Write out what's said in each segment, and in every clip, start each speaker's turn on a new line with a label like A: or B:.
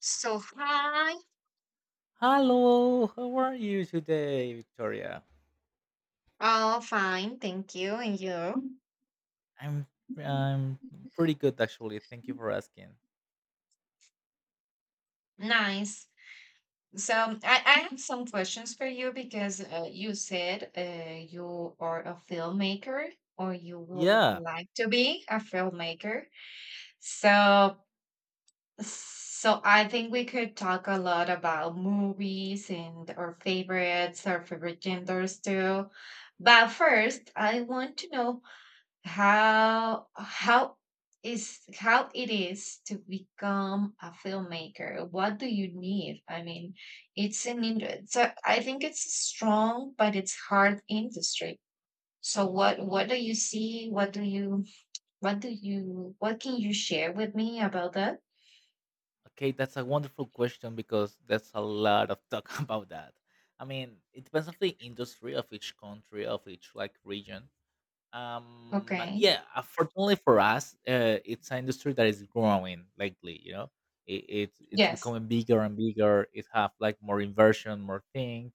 A: So hi,
B: Hello, how are you today, Victoria?
A: all fine, thank you, and you?
B: I'm I'm pretty good actually. Thank you for asking.
A: Nice. So I have some questions for you because you said you are a filmmaker or you would
B: Yeah.
A: like to be a filmmaker. So so I think we could talk a lot about movies and our favorites, our favorite genders too. But first, I want to know how how how it is to become a filmmaker. What do you need? I mean, it's an industry, so I think it's a strong but it's hard industry. So what do you see what do you what do you what can you share with me about that?
B: Okay, that's a wonderful question because there's a lot of talk about that. I mean, it depends on the industry of each country, of each like region. But
A: Okay.
B: yeah, unfortunately for us, it's an industry that is growing lately. It's
A: Yes.
B: becoming bigger and bigger. It have like more inversion, more thing,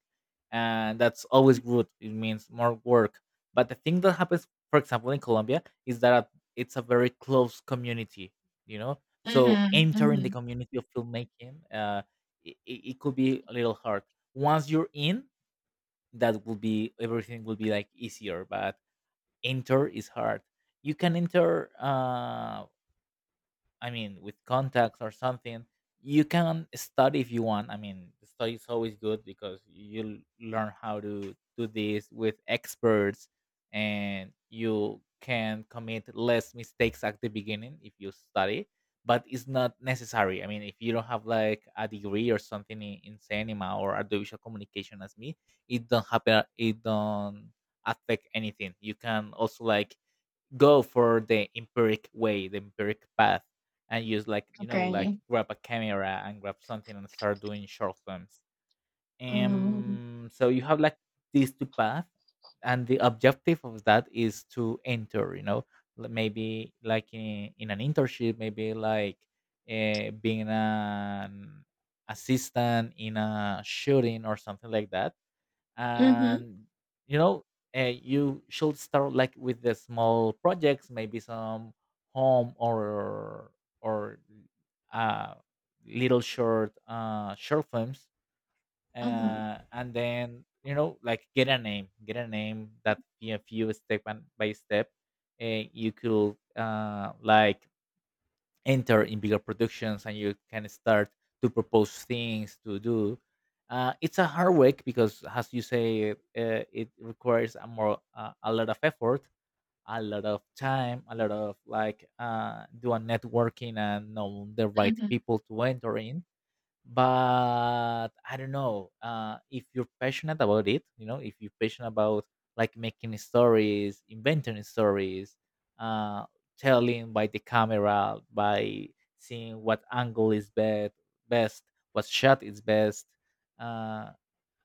B: and that's always good. It means more work. But the thing that happens, for example, in Colombia is that it's a very close community, you know so
A: Mm-hmm,
B: entering the
A: mm-hmm.
B: community of filmmaking, it could be a little hard. Once you're in, that will be, everything will be like easier, but enter is hard. You can enter, I mean, with contacts or something, you can study if you want. I mean, the study is always good because you learn how to do this with experts, and you can commit less mistakes at the beginning if you study, but it's not necessary. I mean, if you don't have like a degree or something in cinema or audiovisual communication as me, it don't happen, it don't affect anything. You can also like go for the empiric way, the empiric path, and use like like
A: Okay.
B: grab a camera and grab something and start doing short films.
A: Mm-hmm.
B: So you have like these two paths, and the objective of that is to enter, maybe like in an internship, maybe like being an assistant in a shooting or something like that,
A: Mm-hmm.
B: and you know you should start like with the small projects, maybe some home or uh little short films,
A: Mm-hmm,
B: and then like get a name that if you step and by step, you could like enter in bigger productions, and you can start to propose things to do. It's a hard work because, as you say, it requires a lot of effort, a lot of time, a lot of like doing networking and know the right
A: mm-hmm,
B: people to enter in. But I don't know, if you're passionate about it, if you're passionate about like making stories, inventing stories, uh, telling by the camera, by seeing what angle is best, best what shot is best, uh,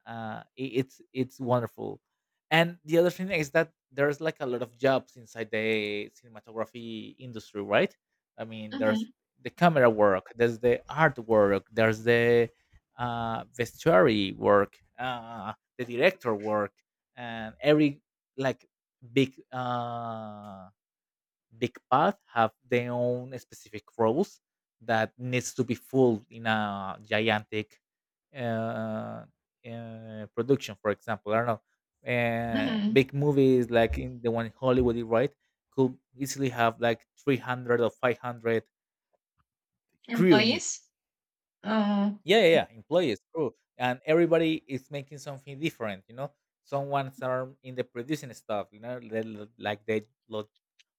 B: it's wonderful. And the other thing is that there's like a lot of jobs inside the cinematography industry, right? I mean, there's
A: mm-hmm,
B: the camera work, there's the art work, there's the vestuary work, the director work, and every like big uh big path have their own specific roles that needs to be filled in a gigantic uh, production. For example, I don't know,
A: mm-hmm.
B: big movies like in the one in Hollywood, right, could easily have like 300 or 500 crew in it.
A: Employees? Uh.
B: Yeah, yeah, yeah, employees, crew, and everybody is making something different. Someone's are in the producing stuff. The lo-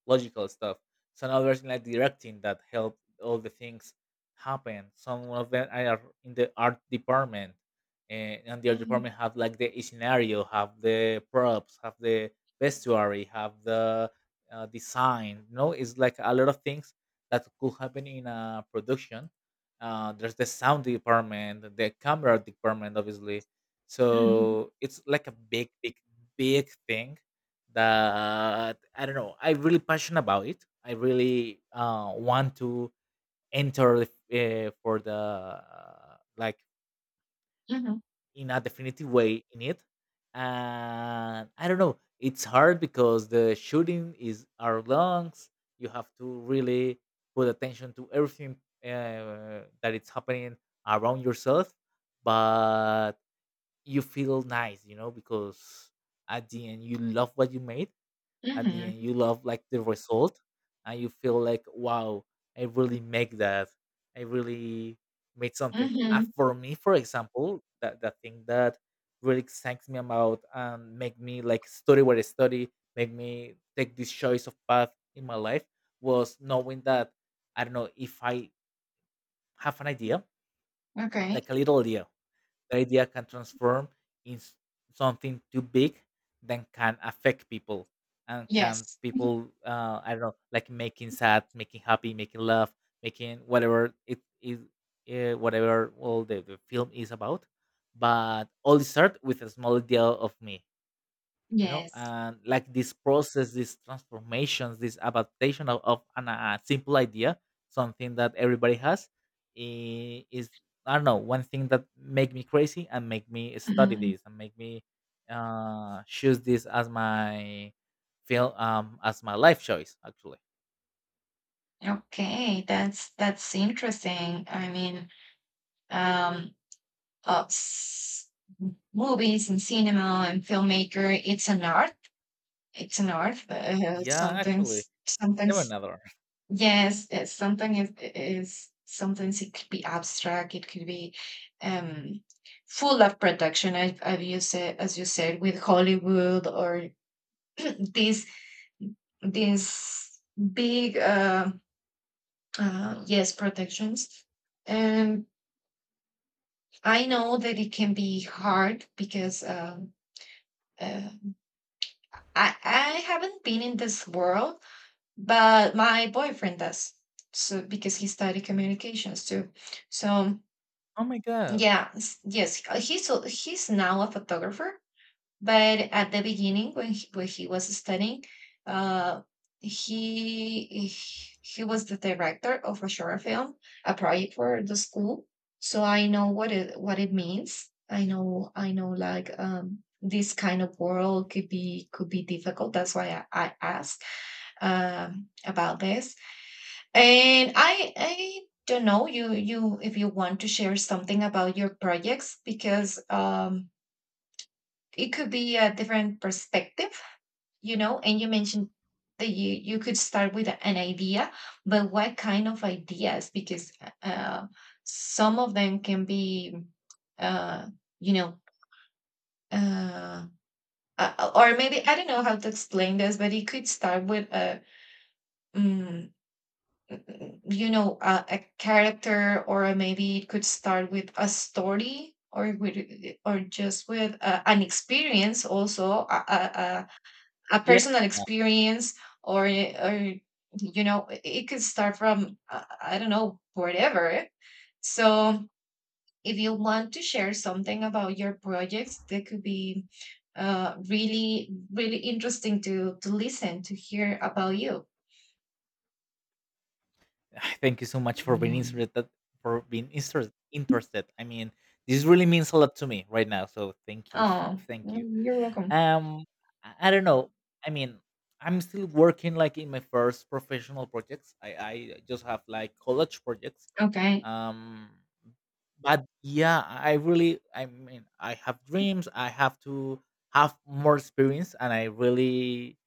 B: logical stuff. So now there's like directing that helped all the things happen. Some of them are in the art department, and the art
A: Mm-hmm,
B: department have like the scenario, have the props, have the vestuary, have the design. No, it's like a lot of things that could happen in a production. There's the sound department, the camera department, obviously.
A: mm-hmm,
B: So it's like a big, big, big thing that, I don't know, I'm really passionate about it. I really want to enter, for the, like
A: mm-hmm.
B: in a definitive way in it, and I don't know. It's hard because the shooting is our lungs. You have to really put attention to everything, that it's happening around yourself, but you feel nice, because at the end you love what you made. At the
A: Mhm,
B: end you love like the result, and you feel like, wow, I really make that. I really made something.
A: mhm,
B: For me, for example, that the thing that really excites me about and make me like study what I study, make me take this choice of path in my life, was knowing that, I don't know, if I have an idea,
A: okay.
B: like a little idea, the idea can transform in something too big that can affect people, and can
A: Yes,
B: people, I don't know, like making sad, making happy, making love, making whatever it is, whatever all the film is about. But all start with a small idea of me,
A: yes.
B: and like this process, these transformations, this adaptation of a simple idea, something that everybody has, is, I don't know, one thing that make me crazy and make me study
A: Mhm.
B: this and make me choose this as my life choice actually.
A: Okay, that's interesting. I mean, um, s movies and cinema and filmmaker, it's an art. It's an art.
B: Yeah, actually. Seven another.
A: Sometimes it is. Sometimes it could be abstract. It could be um, full of production. I've used it, as you said, with Hollywood or these these big yes protections, and I know that it can be hard because uh, I, haven't been in this world, but my boyfriend does, so because he studied communications too. So
B: Oh my god.
A: yeah, yes, he's he's now a photographer. But at the beginning, when when he was studying, uh, he he was the director of a short film, a project for the school. So I know what it means. I know. I know, like, this kind of world could be, could be difficult. That's why I asked, about this. And I don't know. You if you want to share something about your projects, because it could be a different perspective, you know. And you mentioned that you could start with an idea, but what kind of ideas? Because uh, some of them can be, uh, you know, uh, or maybe I don't know how to explain this, but it could start with mm, you know, a character, or maybe it could start with a story. Or with, or just with an experience, also a personal
B: Yeah.
A: experience. Or you know, it could start from I don't know, whatever. So if you want to share something about your projects, that could be really really interesting to listen to hear about you.
B: Thank you so much for being interested. For being interested. I mean, this really means a lot to me right now. So thank you,
A: Oh
B: thank you.
A: mm, you're welcome.
B: Um, I don't know. I mean, I'm still working like in my first professional projects. I just have like college projects.
A: Okay.
B: Um, but yeah, I really. I mean, I have dreams. I have to have more experience, and I really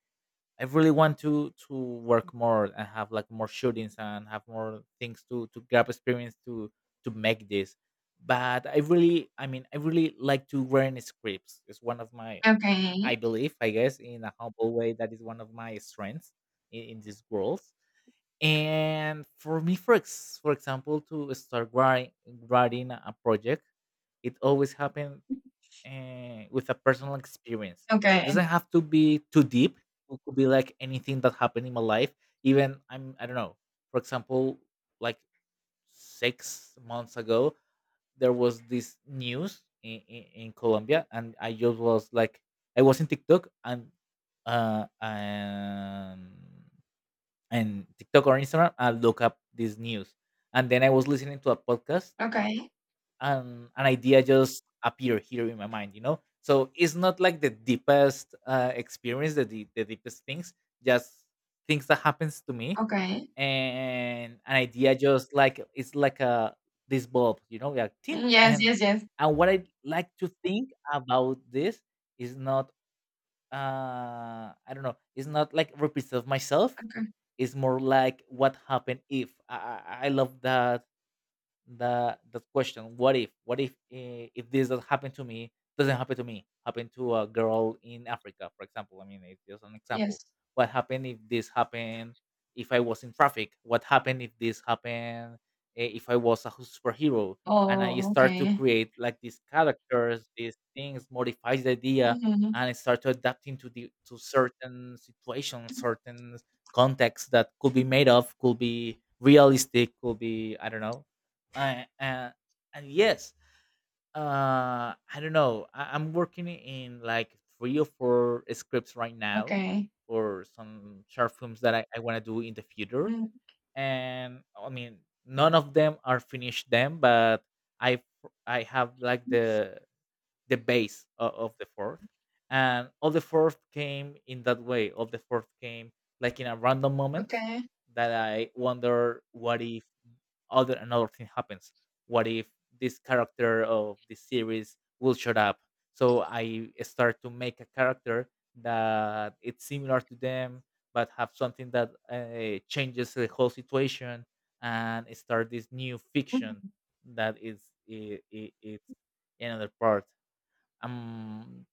B: I really want to work more and have like more shootings and have more things to grab experience to make this. But I mean, I really like to learn scripts. It's one of my, I
A: Okay.
B: believe, I guess, in a humble way, that is one of my strengths in this world. And for me, for example, to start writing a project, it always happened, with a personal experience.
A: Okay.
B: Doesn't have to be too deep. It could be like anything that happened in my life. Even I don't know. For example, like 6 months ago, there was this news in Colombia, and I just was like, I was in TikTok uh and and TikTok or Instagram, I look up this news, and then I was listening to a podcast,
A: Okay.
B: and an idea just appear here in my mind, so it's not like the deepest, experience, the deepest things, just things that happens to me,
A: Okay.
B: and an idea just, like, it's like a, this bulb, like tin,
A: Mm, yes
B: and
A: yes yes.
B: and what I like to think about this is not, I don't know, it's not like represent myself.
A: Okay.
B: It's more like, what happened if I I love that, that question, what if if this that happened to me doesn't happen to me happened to a girl in Africa, for example, I mean, it's just an example.
A: Yes.
B: What happened if this happened, if I was in traffic? What happened if this happened, if I was a superhero? And I
A: Oh,
B: start to
A: okay.
B: create like these characters, these things modifies the idea,
A: Hmm.
B: and I start to adapting to certain situations, certain contexts, that could be made of, could be realistic, could be, I don't know, uh, uh, and yes, I don't know, I'm working in like three or four scripts right now
A: Okay.
B: for some short films that I want to do in the future,
A: Mm.
B: and I mean, none of them are finished them, but i I have like the base of the fourth, and all the fourth came in that way. All the fourth came like in a random moment
A: Okay.
B: that I wonder, what if other another thing happens? What if this character of this series will shut up? So I start to make a character that it's similar to them, but have something that, changes the whole situation and start this new fiction.
A: Mhm.
B: That is i i it's another part, um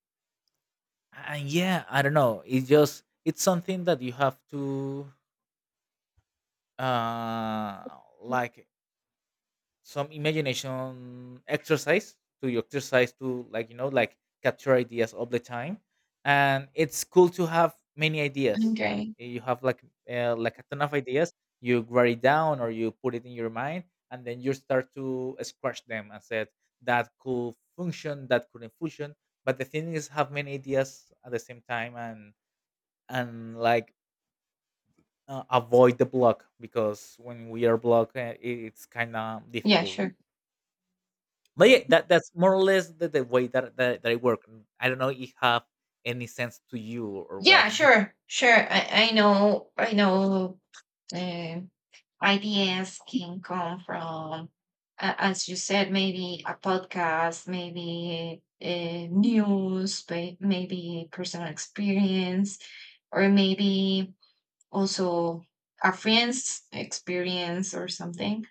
B: and yeah, I don't know, it's something that you have to, like, some imagination exercise, to your exercise, to like, like, capture ideas all the time, and it's cool to have many ideas.
A: Okay.
B: You have like, like, a ton of ideas. You write it down or you put it in your mind, and then you start to scratch them and said, that could function, that couldn't function. But the thing is have many ideas at the same time, and like, avoid the block, because when we are blocked, it's kind of
A: Yeah,
B: difficult.
A: sure.
B: But yeah, that's more or less the way that I work. I don't know if it have any sense to you or what.
A: Yeah, sure. Sure. I know. I know, uh, ideas can come from, as you said, maybe a podcast, maybe news, maybe personal experience, or maybe also a friend's experience or something,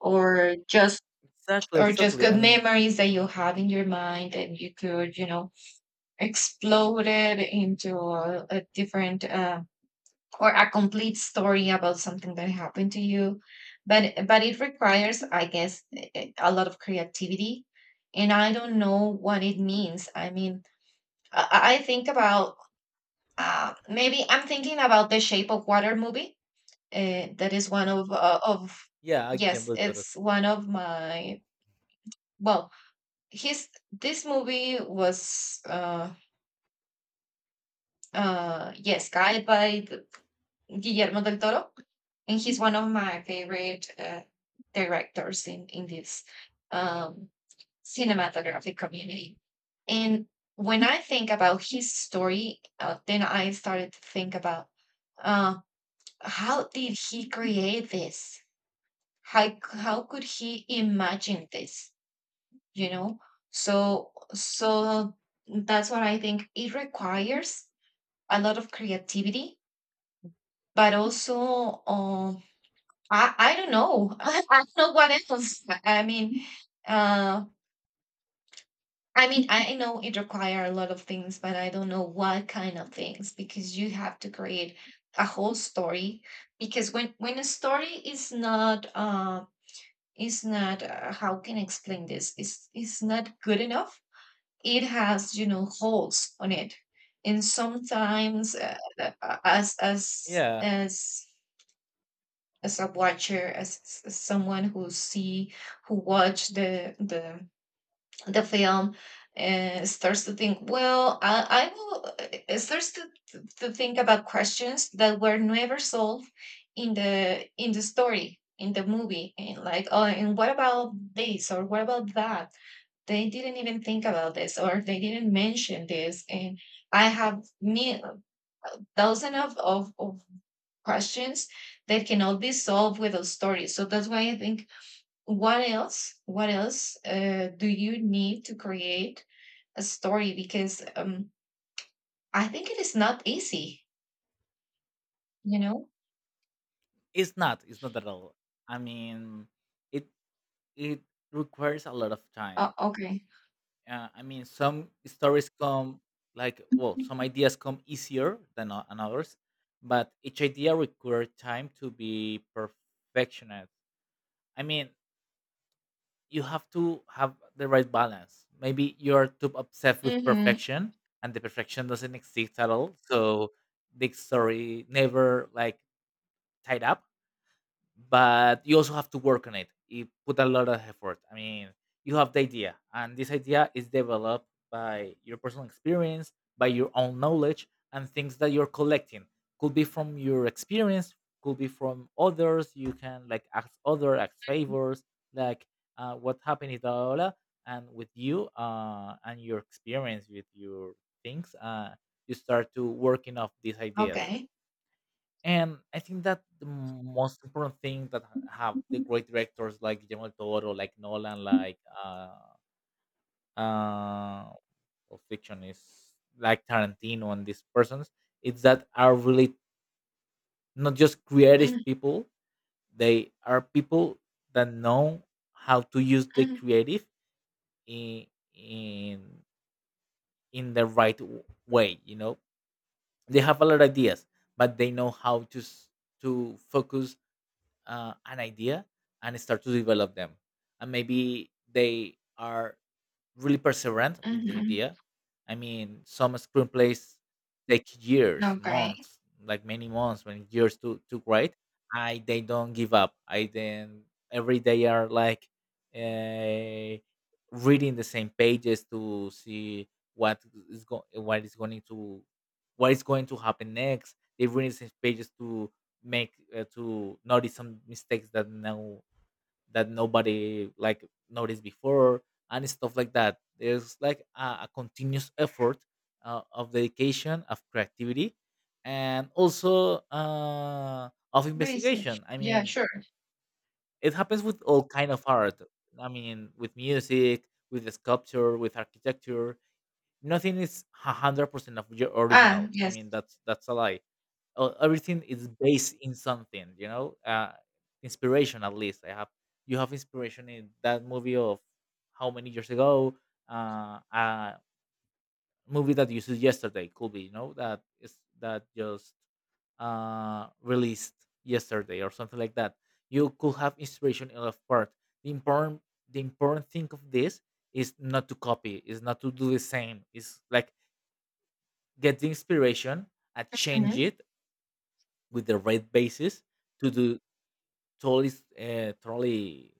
A: or just
B: Exactly,
A: or just
B: exactly. I
A: good
B: mean,
A: memories that you have in your mind, and you could, you know, exploded into a different or a complete story about something that happened to you. But it requires, I guess, a lot of creativity. And I don't know what it means. I mean, I think about, maybe I'm thinking about The Shape of Water movie, that is one of,
B: yeah, I can
A: yes,
B: with that.
A: it's one of my, well, his this movie was yes guided by Guillermo del Toro, and he's one of my favorite directors in this, um, cinematographic community. And when I think about his story, then I started to think about, uh, how did he create this? How could he imagine this? You know, so so that's what I think. It requires a lot of creativity, but also, I don't know. I don't know what else. I mean, uh, I mean, I know it requires a lot of things, but I don't know what kind of things, because you have to create a whole story. Because when a story is not how can I explain this, is not good enough, it has, you know, holes on it, and sometimes uh, as as
B: Yeah,
A: as as a watcher, as someone who see who watch the film, starts to think, well, I will, starts to, to think about questions that were never solved in the story in the movie, and like, oh, and what about this or what about that? They didn't even think about this, or they didn't mention this, and I have me thousand of questions that cannot be solved with a story. So that's why I think, what else do you need to create a story? Because, I think it is not easy, you know?
B: it's not. It's not at all. I mean, it it requires a lot of time.
A: Oh, okay.
B: I mean, some stories come like well, some ideas come easier than others, but each idea requires time to be perfectionist. I mean, you have to have the right balance. Maybe you're too obsessed with
A: Mm-hmm.
B: perfection, and the perfection doesn't exist at all. So the story never like tied up, but you also have to work on it. You put a lot of effort. I mean, you have the idea, and this idea is developed by your personal experience, by your own knowledge, and things that you're collecting. Could be from your experience, could be from others. You can like ask other, ask favors, like what happened in Daola, and with you and your experience with your things, you start to working off these ideas.
A: Okay.
B: And I think that the most important thing have the
A: Mm-hmm.
B: great directors like Guillermo del Toro, like Nolan, like uh, of fiction is like Tarantino and these persons, it's that are really not just creative people. They are people that know how to use the creative in in in the right way. You know, they have a lot of ideas, but they know to focus an idea and start to develop them, and maybe they are really perseverant with the
A: Mm-hmm.
B: idea. I mean, some screenplays take years,
A: Okay.
B: months, like many months, when years to write. I they don't give up. I then every day are like uh, reading the same pages to see what is go- what is going to what is going to happen next. They read the same pages to make to notice some mistakes that nobody like noticed before, and stuff like that. There's like a continuous effort of dedication, of creativity, and also of
A: Research.
B: investigation, I
A: Yeah,
B: mean,
A: sure.
B: it happens with all kind of art. I mean, with music, with sculpture, with architecture, nothing is 100% of your
A: Ah,
B: original. I
A: yes.
B: mean, that's a lie. Everything is based in something, you know. Inspiration, at least I have. You have inspiration in that movie of how many years ago. A movie that you saw yesterday could be, you know, that is that just released yesterday or something like that. You could have inspiration in a part. The important the important thing of this is not to copy, is not to do the same. It's like get the inspiration and
A: Mm-hmm.
B: change it with the right basis to do totally s- totally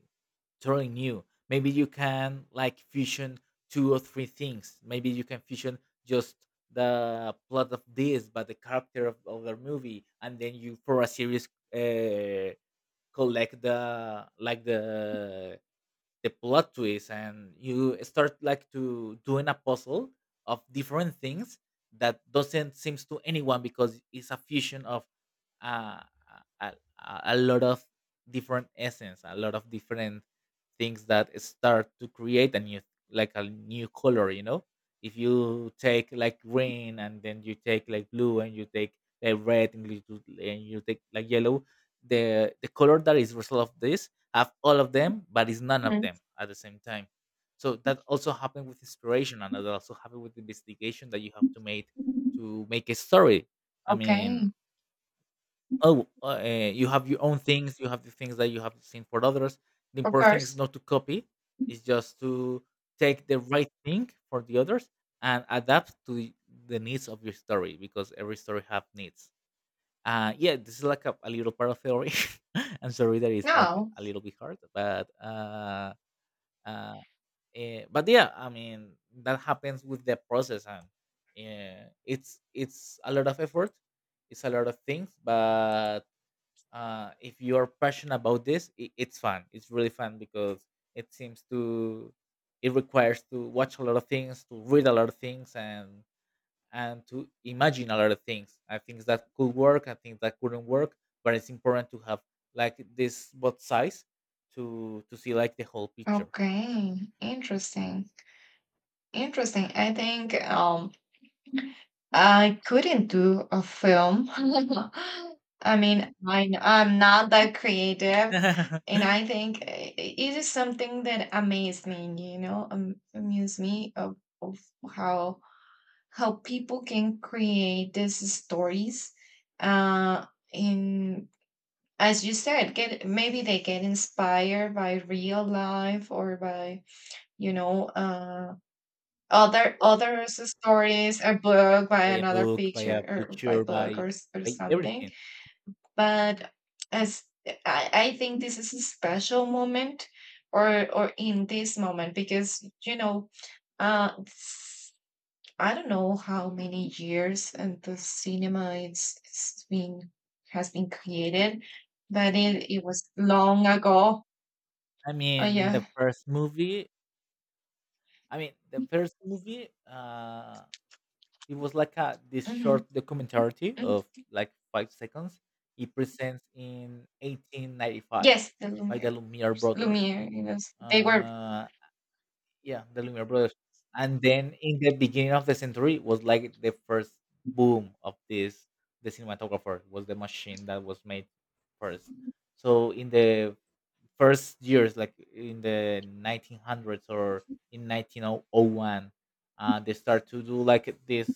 B: totally new. Maybe you can like fusion two or three things. Maybe you can fusion just the plot of this, but the character of the movie, and then you for a series, uh, collect the like the plot twist, and you start like to doing a puzzle of different things that doesn't seems to anyone, because it's a fusion of uh, a, a lot of different essence, a lot of different things that start to create a new, like a new color, you know. If you take like green, and then you take like blue, and you take like red, and and you take like yellow, the color that is result of this have all of them but is none of them at the same time. So that also happened with inspiration, and that also happened with investigation that you have to make, to make a story, I mean,
A: Okay,
B: Oh, you have your own things. You have the things that you have seen for others. The
A: of
B: important thing is
A: course.
B: not to copy. It's just to take the right thing for the others and adapt to the needs of your story, because every story have needs. Yeah, this is like a little part of theory. I'm sorry that it's like
A: No.
B: a little bit hard, but uh, but yeah, I mean that happens with the process, and yeah, it's a lot of effort, it's a lot of things, but if you're passionate about this, I it's fun. It's really fun because it seems to it requires to watch a lot of things, to read a lot of things, and to imagine a lot of things. I think that could work. I think that couldn't work, but it's important to have like this both sides to see like the whole picture.
A: Okay, interesting. Interesting. I think, I couldn't do a film. I mean, I'm not that creative. And I think it is something that amazed me, you know, amused me of how how people can create these stories. Uh, in As you said, get maybe they get inspired by real life or by, you know, other others stories are book by
B: By a
A: another
B: book, by
A: picture
B: a
A: or by
B: picture,
A: book
B: by
A: or or
B: by
A: something.
B: everything.
A: But as I think this is a special moment, or in this moment because, you know, uh s- I don't know how many years and the cinema it's been has been created, but it was long ago.
B: I
A: Oh
B: mean, the
A: yeah.
B: first movie. I mean, the first movie. It was like a this
A: Hmm.
B: short documentary of like 5 seconds. It presents in 1895
A: Yes, the
B: by
A: Lumiere
B: the Lumiere
A: brothers.
B: brothers.
A: Lumiere, you know, they were
B: Uh, yeah, the Lumiere brothers. And then in the beginning of the century was like the first boom of this. The cinematographer was the machine that was made first. So in the first years, like in the 1900s or in 1901, they start to do like this.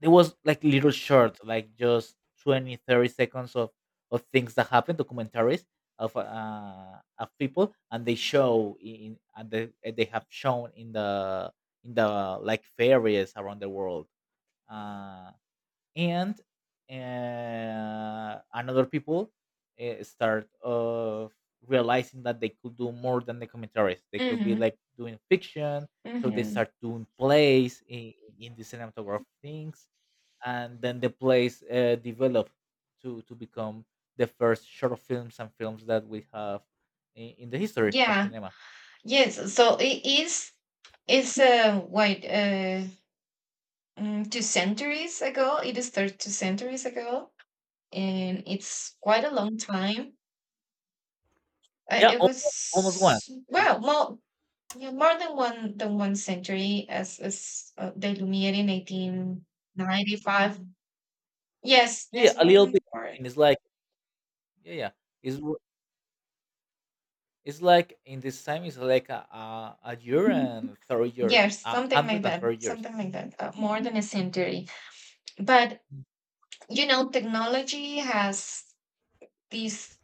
B: There was like little short like just 20, 30 seconds of things that happened, documentaries of people, and they show in and they have shown in the like fairies around the world, uh and another people start of realizing that they could do more than documentaries, they could be
A: mhm.
B: like doing fiction. So they
A: Hmm.
B: start doing plays in the cinematography things, and then the place developed to become the first short films and films that we have in the history of
A: Yeah.
B: cinema.
A: Yes. So it is. It's what mm, two centuries ago. It is started two centuries ago, and it's quite a long time.
B: Yeah,
A: It
B: almost one.
A: was
B: It's-
A: well, more yeah, more than one century, as the Lumiere in 1895. Yes.
B: yeah,
A: Yes.
B: a
A: More
B: little bit.
A: than more.
B: And it's like yeah, yeah. It's w- it's like in this time it's like a year and 30 years,
A: Yes,
B: a
A: something
B: hundred
A: like
B: and
A: that.
B: thirty years.
A: Something like that. More than a century. But you know, technology has these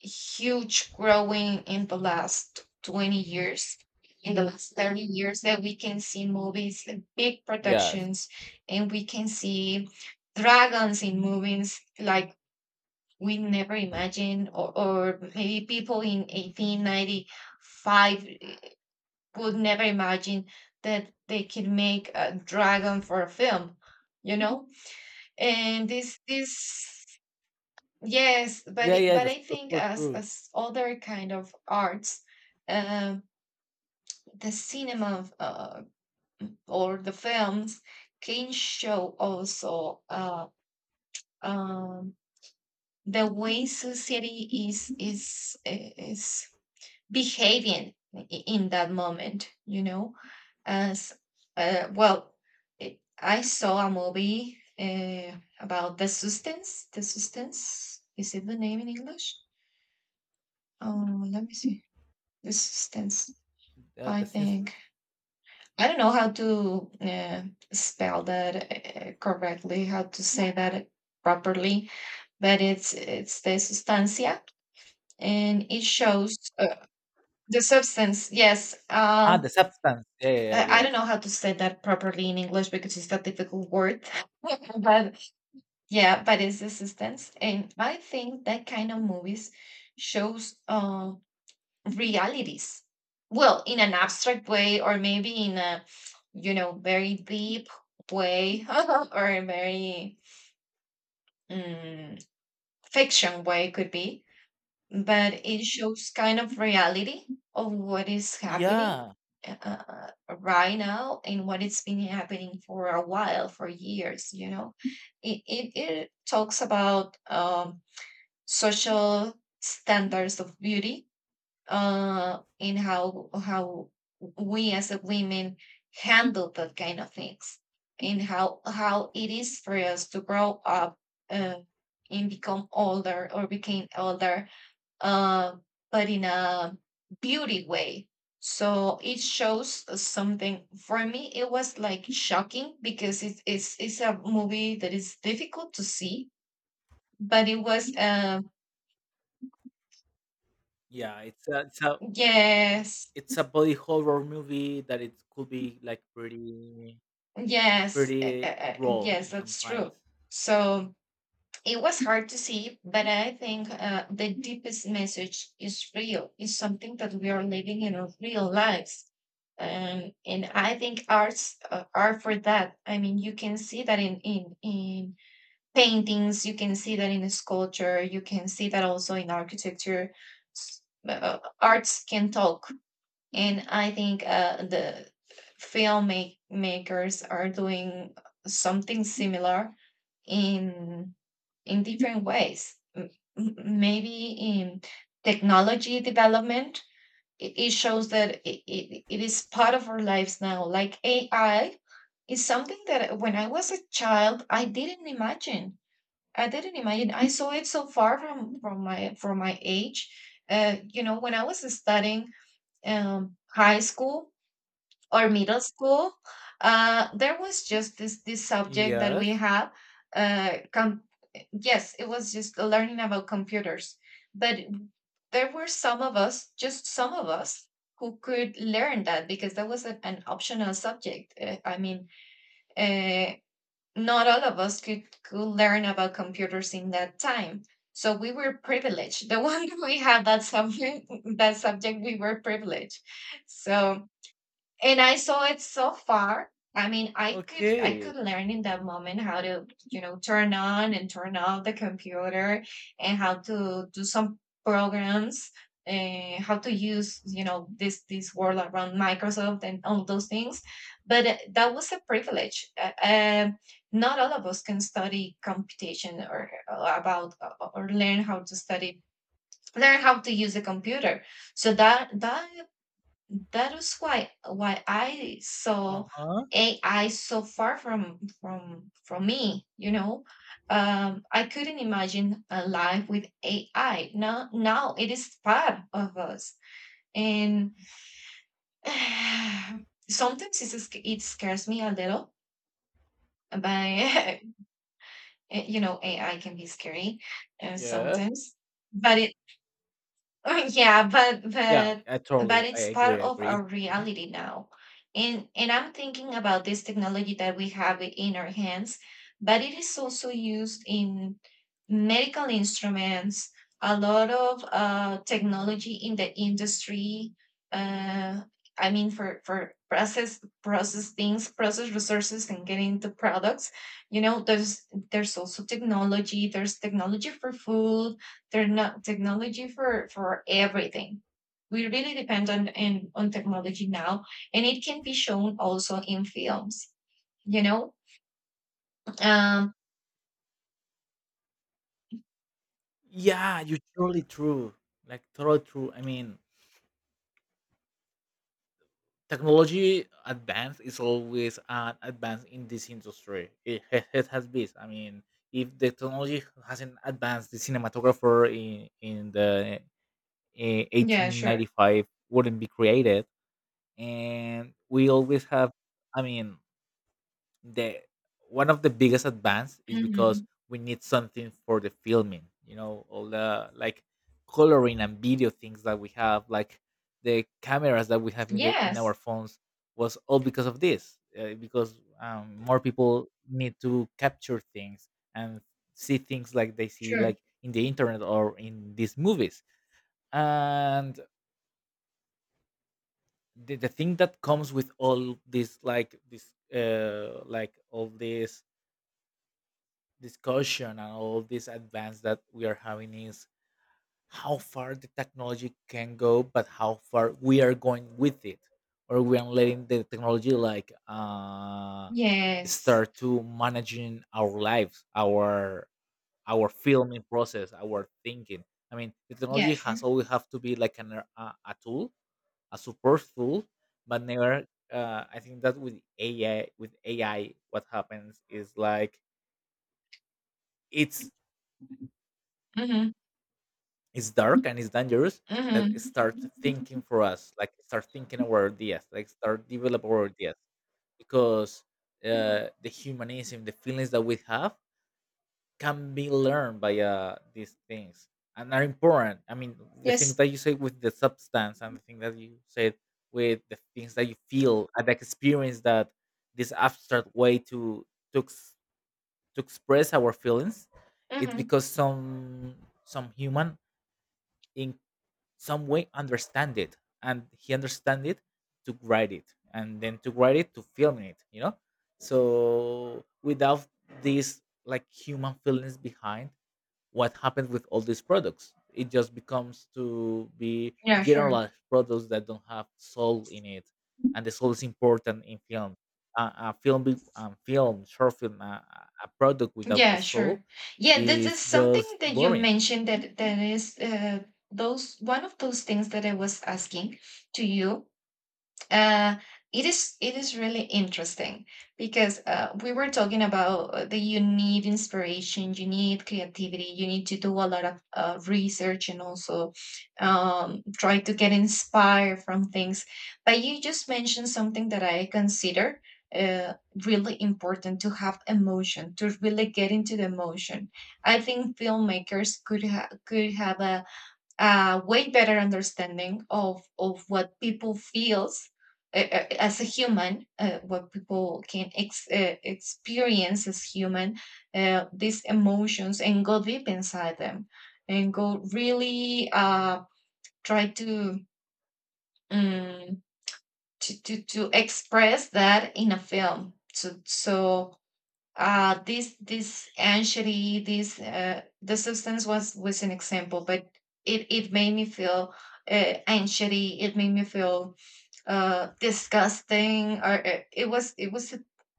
A: huge growing in the last 20 years, in the last 30 years, that we can see movies and big
B: Yes.
A: productions, and we can see dragons in movies like we never imagined, or maybe people in 1895 would never imagine that they could make a dragon for a film, you know. And this Yes, but
B: Yeah, yeah.
A: but
B: That's,
A: I
B: that's
A: think
B: so true.
A: as other kind of arts, um, the cinema or the films can show also um, the way society is behaving in that moment. You know, as, well, I saw a movie about The Substance. The Substance, is it the name in English? Oh, let me see. Resistance,
B: Yeah,
A: I
B: the substance.
A: think. I don't know how to spell that correctly, how to say that properly, but it's the sustancia, and it shows the substance. Yes,
B: Ah, the substance. Yeah, yeah,
A: I
B: yeah.
A: don't know how to say that properly in English because it's a difficult word, but yeah, but it's The Substance, and I think that kind of movies shows realities, well, in an abstract way, or maybe in a, you know, very deep way or a very mm, fiction way could be, but it shows kind of reality of what is
B: Yeah.
A: happening
B: Yeah.
A: uh, right now and what it's been happening for a while, for years, you know. It talks about, social standards of beauty, in how we as a women handle that kind of things, in how it is for us to grow up, uh, and become older or became older, uh, but in a beauty way. So it shows something. For me, it was like shocking because it's a movie that is difficult to see, but it was
B: Yeah,
A: yes.
B: it's a body horror movie that it could be like pretty
A: Yes,
B: pretty raw
A: yes,
B: in some
A: that's true.
B: points.
A: So it was hard to see, but I think, the deepest message is real, is something that we are living in our real lives. And I think arts are for that. I mean, you can see that in paintings, you can see that in sculpture, you can see that also in architecture. Arts can talk, and I think, the filmmakers are doing something similar in in different ways. Maybe in technology development, it, shows that it is part of our lives now. Like AI is something that when I was a child, I didn't imagine. I didn't imagine. I saw it so far from from my age. You know, when I was studying, high school, or middle school, there was just this subject that we
B: Yes.
A: had. Uh, com- yes, it was just learning about computers, but there were some of us, just some of us, who could learn that because that was an optional subject. I mean, uh, not all of us could learn about computers in that time. So we were privileged. The one we had that subject, we were privileged. So and I saw it so far. I mean, I could I
B: Okay.
A: could learn in that moment how to turn on and turn off the computer, and how to do some programs, and how to use this world around Microsoft and all those things. But that was a privilege. Not all of us can study computation or about or learn how to use a computer. So that is why I
B: Uh
A: saw
B: huh.
A: AI so far from me. I couldn't imagine a life with AI. Now it is part of us. And sometimes it scares me a little, but you know AI can be scary
B: Yeah.
A: sometimes. But it yeah, but
B: Yeah.
A: but
B: I totally.
A: but
B: I
A: it's
B: agree.
A: part
B: I
A: of
B: agree.
A: our reality now. And I'm thinking about this technology that we have in our hands, but it is also used in medical instruments, a lot of technology in the industry. Uh, I mean, for process things, process resources, and getting the products. You know, there's there's also technology. There's technology for food, there's not technology for everything. We really depend on technology now, and it can be shown also in films. You know, um,
B: Yeah, you're totally true. Like totally true. I mean, technology advance is always an advance in this industry. It has been. I mean, if the technology hasn't advanced, the cinematographer in
A: yeah, sure.
B: 1895 wouldn't be created, and we always have, I mean, the one of the biggest advance is because
A: Hmm.
B: we need something for the filming, you know, all the like coloring and video things that we have, like the cameras that we have in the in our
A: Yes,
B: phones was all because of this, because more people need to capture things and see things like they see
A: sure.
B: like in the internet or in these movies, and the thing that comes with all this like all this discussion and all this advance that we are having is how far the technology can go, but how far we are going with it, or we are letting the technology like
A: Yes,
B: start to managing our lives, our filming process, our thinking. I mean, the
A: yeah,
B: technology
A: sure.
B: has always have to be like a tool, a super tool, but never. I think that with AI, with AI, what happens is like it's
A: Mm-hmm.
B: it's dark and it's dangerous,
A: Mm-hmm.
B: that it starts thinking for us, like start thinking our ideas, like start develop our ideas, because the humanism, the feelings that we have can be learned by these things, and are important. I mean, the things
A: Yes.
B: that you say with the substance and the thing that you said with the things that you feel and the experience that this abstract way to, ex- to express our feelings, it's
A: Mm-hmm.
B: because some human in some way understand it, and he understand it to write it, and then to write it to film it, you know. So without these like human feelings behind, what happens with all these products, it just becomes to be
A: Yeah, sure.
B: generalized products that don't have soul in it, and the soul is important in film, a film, short film, a product without a
A: Yeah,
B: soul
A: sure. Yeah, this is
B: is
A: something
B: just
A: that you
B: boring.
A: mentioned, that is, those one of those things that I was asking to you. Uh, it is really interesting because we were talking about that you need inspiration, you need creativity, you need to do a lot of research, and also try to get inspired from things. But you just mentioned something that I consider uh, really important, to have emotion, to really get into the emotion. I think filmmakers could have a way better understanding of what people feels, as a human, what people can experience as human, these emotions, and go deep inside them, and go really try to, um, to to to express that in a film. So this anxiety, this the substance, was an example, but it made me feel anxiety, it made me feel disgusting, or it was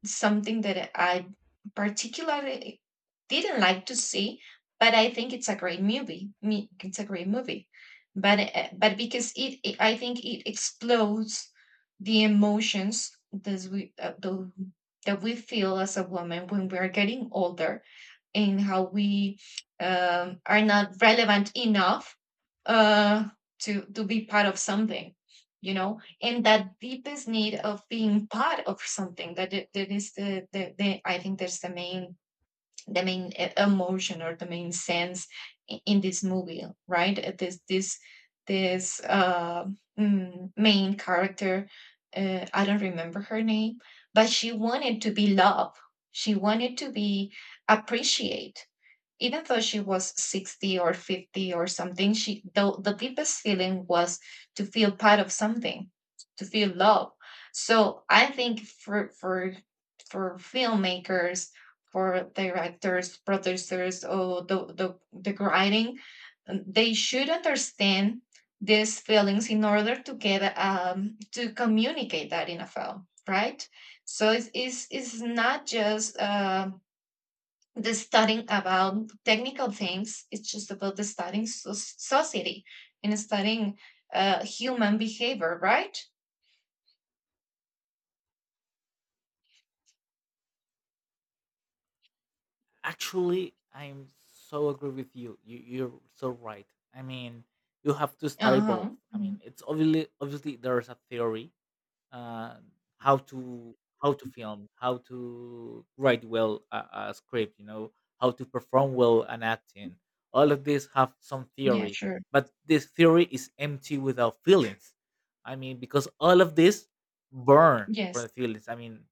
A: something that I particularly didn't like to see, but I think it's a great movie. Me, it's a great movie, but because I think it explodes the emotions that we feel as a woman when we are getting older, in how we are not relevant enough, uh, to be part of something. And that deepest need of being part of something that is the I think that's the main, the main emotion, or the main sense in this movie, right? This main character, I don't remember her name, but she wanted to be loved, she wanted to be appreciated. Even though she was 60 or 50 or something, the deepest feeling was to feel part of something, to feel love. So I think for for filmmakers, for directors, producers, or the writing, they should understand these feelings in order to get to communicate that in a film, right? So it's not just the studying about technical things, it's just about the studying society, and studying human behavior, right?
B: Actually, I'm so agree with you. You're so right. I mean, you have to study both.
A: Uh-huh.
B: I mean,
A: Mhm.
B: it's obviously there's a theory, uh, how to film, how to write well a script, you know, how to perform well an acting. All of these have some
A: Yeah,
B: theory,
A: sure.
B: but this theory is empty without feelings. I mean, because all of this burn for
A: Yes.
B: the feelings. I mean,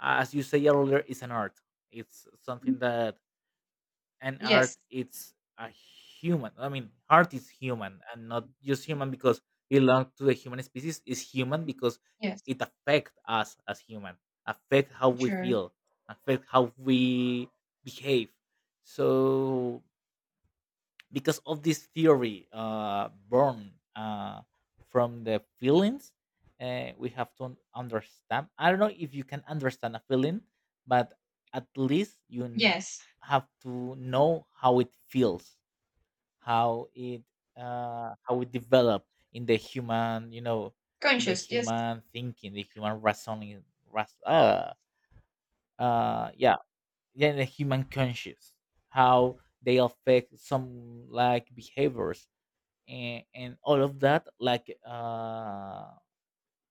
B: as you say earlier, it's an art. It's something
A: Mm.
B: that, and art,
A: Yes.
B: it's a human, I mean, art is human, and not just human because it belongs to the human species, is human because
A: Yes,
B: it affects us as human, affect how we
A: sure.
B: feel, affect how we behave. So because of this theory born from the feelings, we have to understand, I don't know if you can understand a feeling, but at least
A: Yes,
B: have to know how it feels, how it how it develop in the human, you know, in the
A: conscious, yes.
B: human thinking, the human reasoning, ras- uh, yeah, yeah, the human conscious, how they affect some like behaviors, and all of that like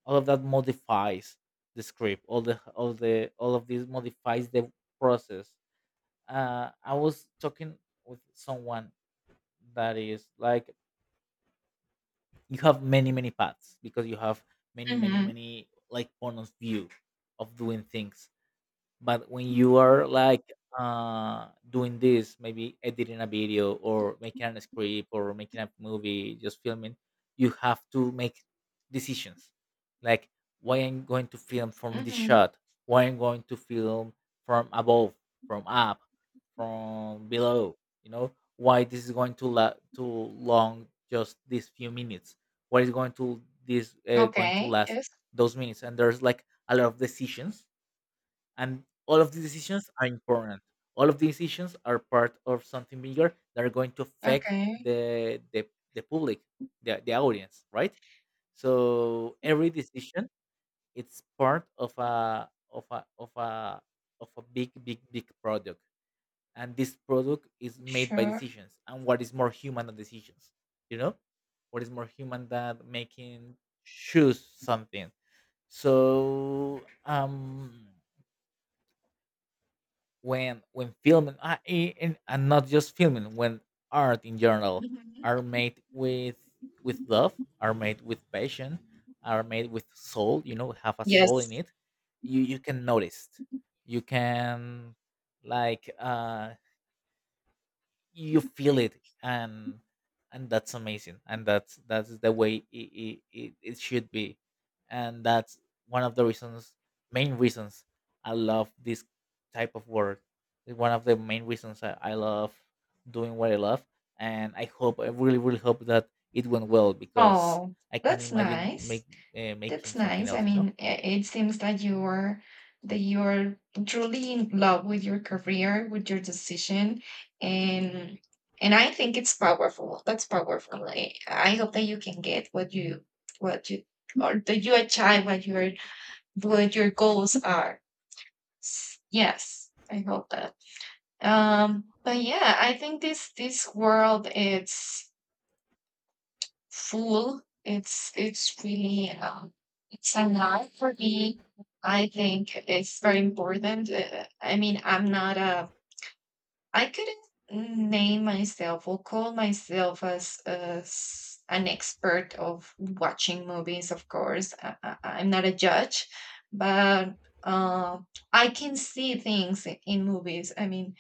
B: all of that modifies the script, all of this modifies the process. I was talking with someone that is like you have many many paths because you have many many
A: Mm-hmm.
B: many like point of view of doing things, but when you are like doing this, maybe editing a video or making a script or making a movie, just filming, you have to make decisions, like, why I'm going to film from this
A: Mm-hmm.
B: shot, why I'm going to film from above, from up, from below, you know, why this is going to long just these few minutes, what is going to this going to
A: Okay,
B: last
A: yes.
B: those minutes. And there's like a lot of decisions, and all of the decisions are important, all of the decisions are part of something bigger that are going to affect
A: Okay.
B: the the, the public, the audience, right? So every decision, it's part of a big big big product, and this product is made by
A: Sure.
B: decisions, and what is more human than decisions, you know, what is more human than making, choose something. So when filming, and not just filming, when art in general
A: Hmm.
B: are made with love, are made with passion, are made with soul, you know, have a soul in
A: Yes.
B: it. You can notice, you can like you feel it, and that's amazing, and that's the way it should be, and that's one of the reasons, main reasons, I love this type of work. It's one of the main reasons I love doing what I love, and I hope, I really really hope that it went well, because
A: Oh,
B: I can
A: that's
B: imagine
A: nice.
B: make making
A: That's
B: something
A: nice. I
B: else, you know.
A: mean, it seems that you're truly in love with your career, with your decision, and I think it's powerful. That's powerful. I hope that you can get what you or that you achieve what your goals are. Yes, I hope that. But yeah, I think this world, it's full. It's really it's a lot for me. I think it's very important. I mean, I'm not a. I couldn't name myself or call myself as an expert of watching movies. Of course, I'm not a judge, but uh, I can see things in movies. I mean,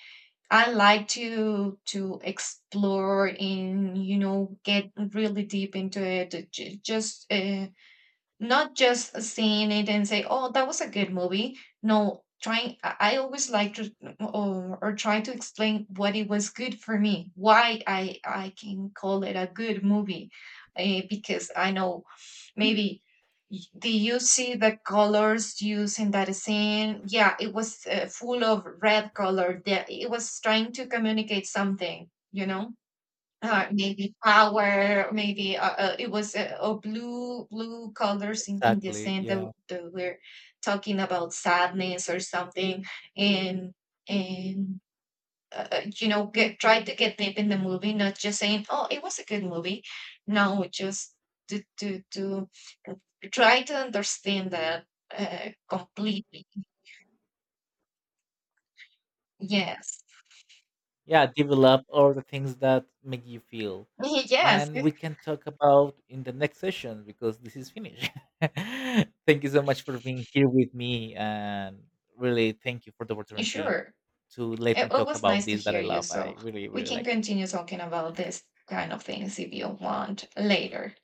A: I like to explore, and get really deep into it. Just not just seeing it and say, "Oh, that was a good movie." No, trying. I always like to, or try to explain what it was good for me, why I can call it a good movie, because I know, maybe. Do you see the colors used in that scene? Yeah, it was full of red color, that it was trying to communicate something. Maybe power, maybe it was oh, blue colors in the
B: Exactly.
A: scene that,
B: Yeah,
A: w- that we're talking about, sadness or something. And and uh, uh, you know get try to get deep in the movie, not just saying, "Oh, it was a good movie." No, just to try to understand that completely. Yes.
B: yeah, develop all the things that make you feel.
A: Yes,
B: And we can talk about in the next session because this is finished. Thank you so much for being here with me, and really thank you for the opportunity
A: sure.
B: to let
A: it,
B: me
A: it
B: talk
A: was
B: about
A: nice to
B: this that
A: hear
B: I
A: you,
B: love. I
A: so
B: really
A: we
B: really
A: can
B: like it.
A: continue talking about this kind of things if you want later.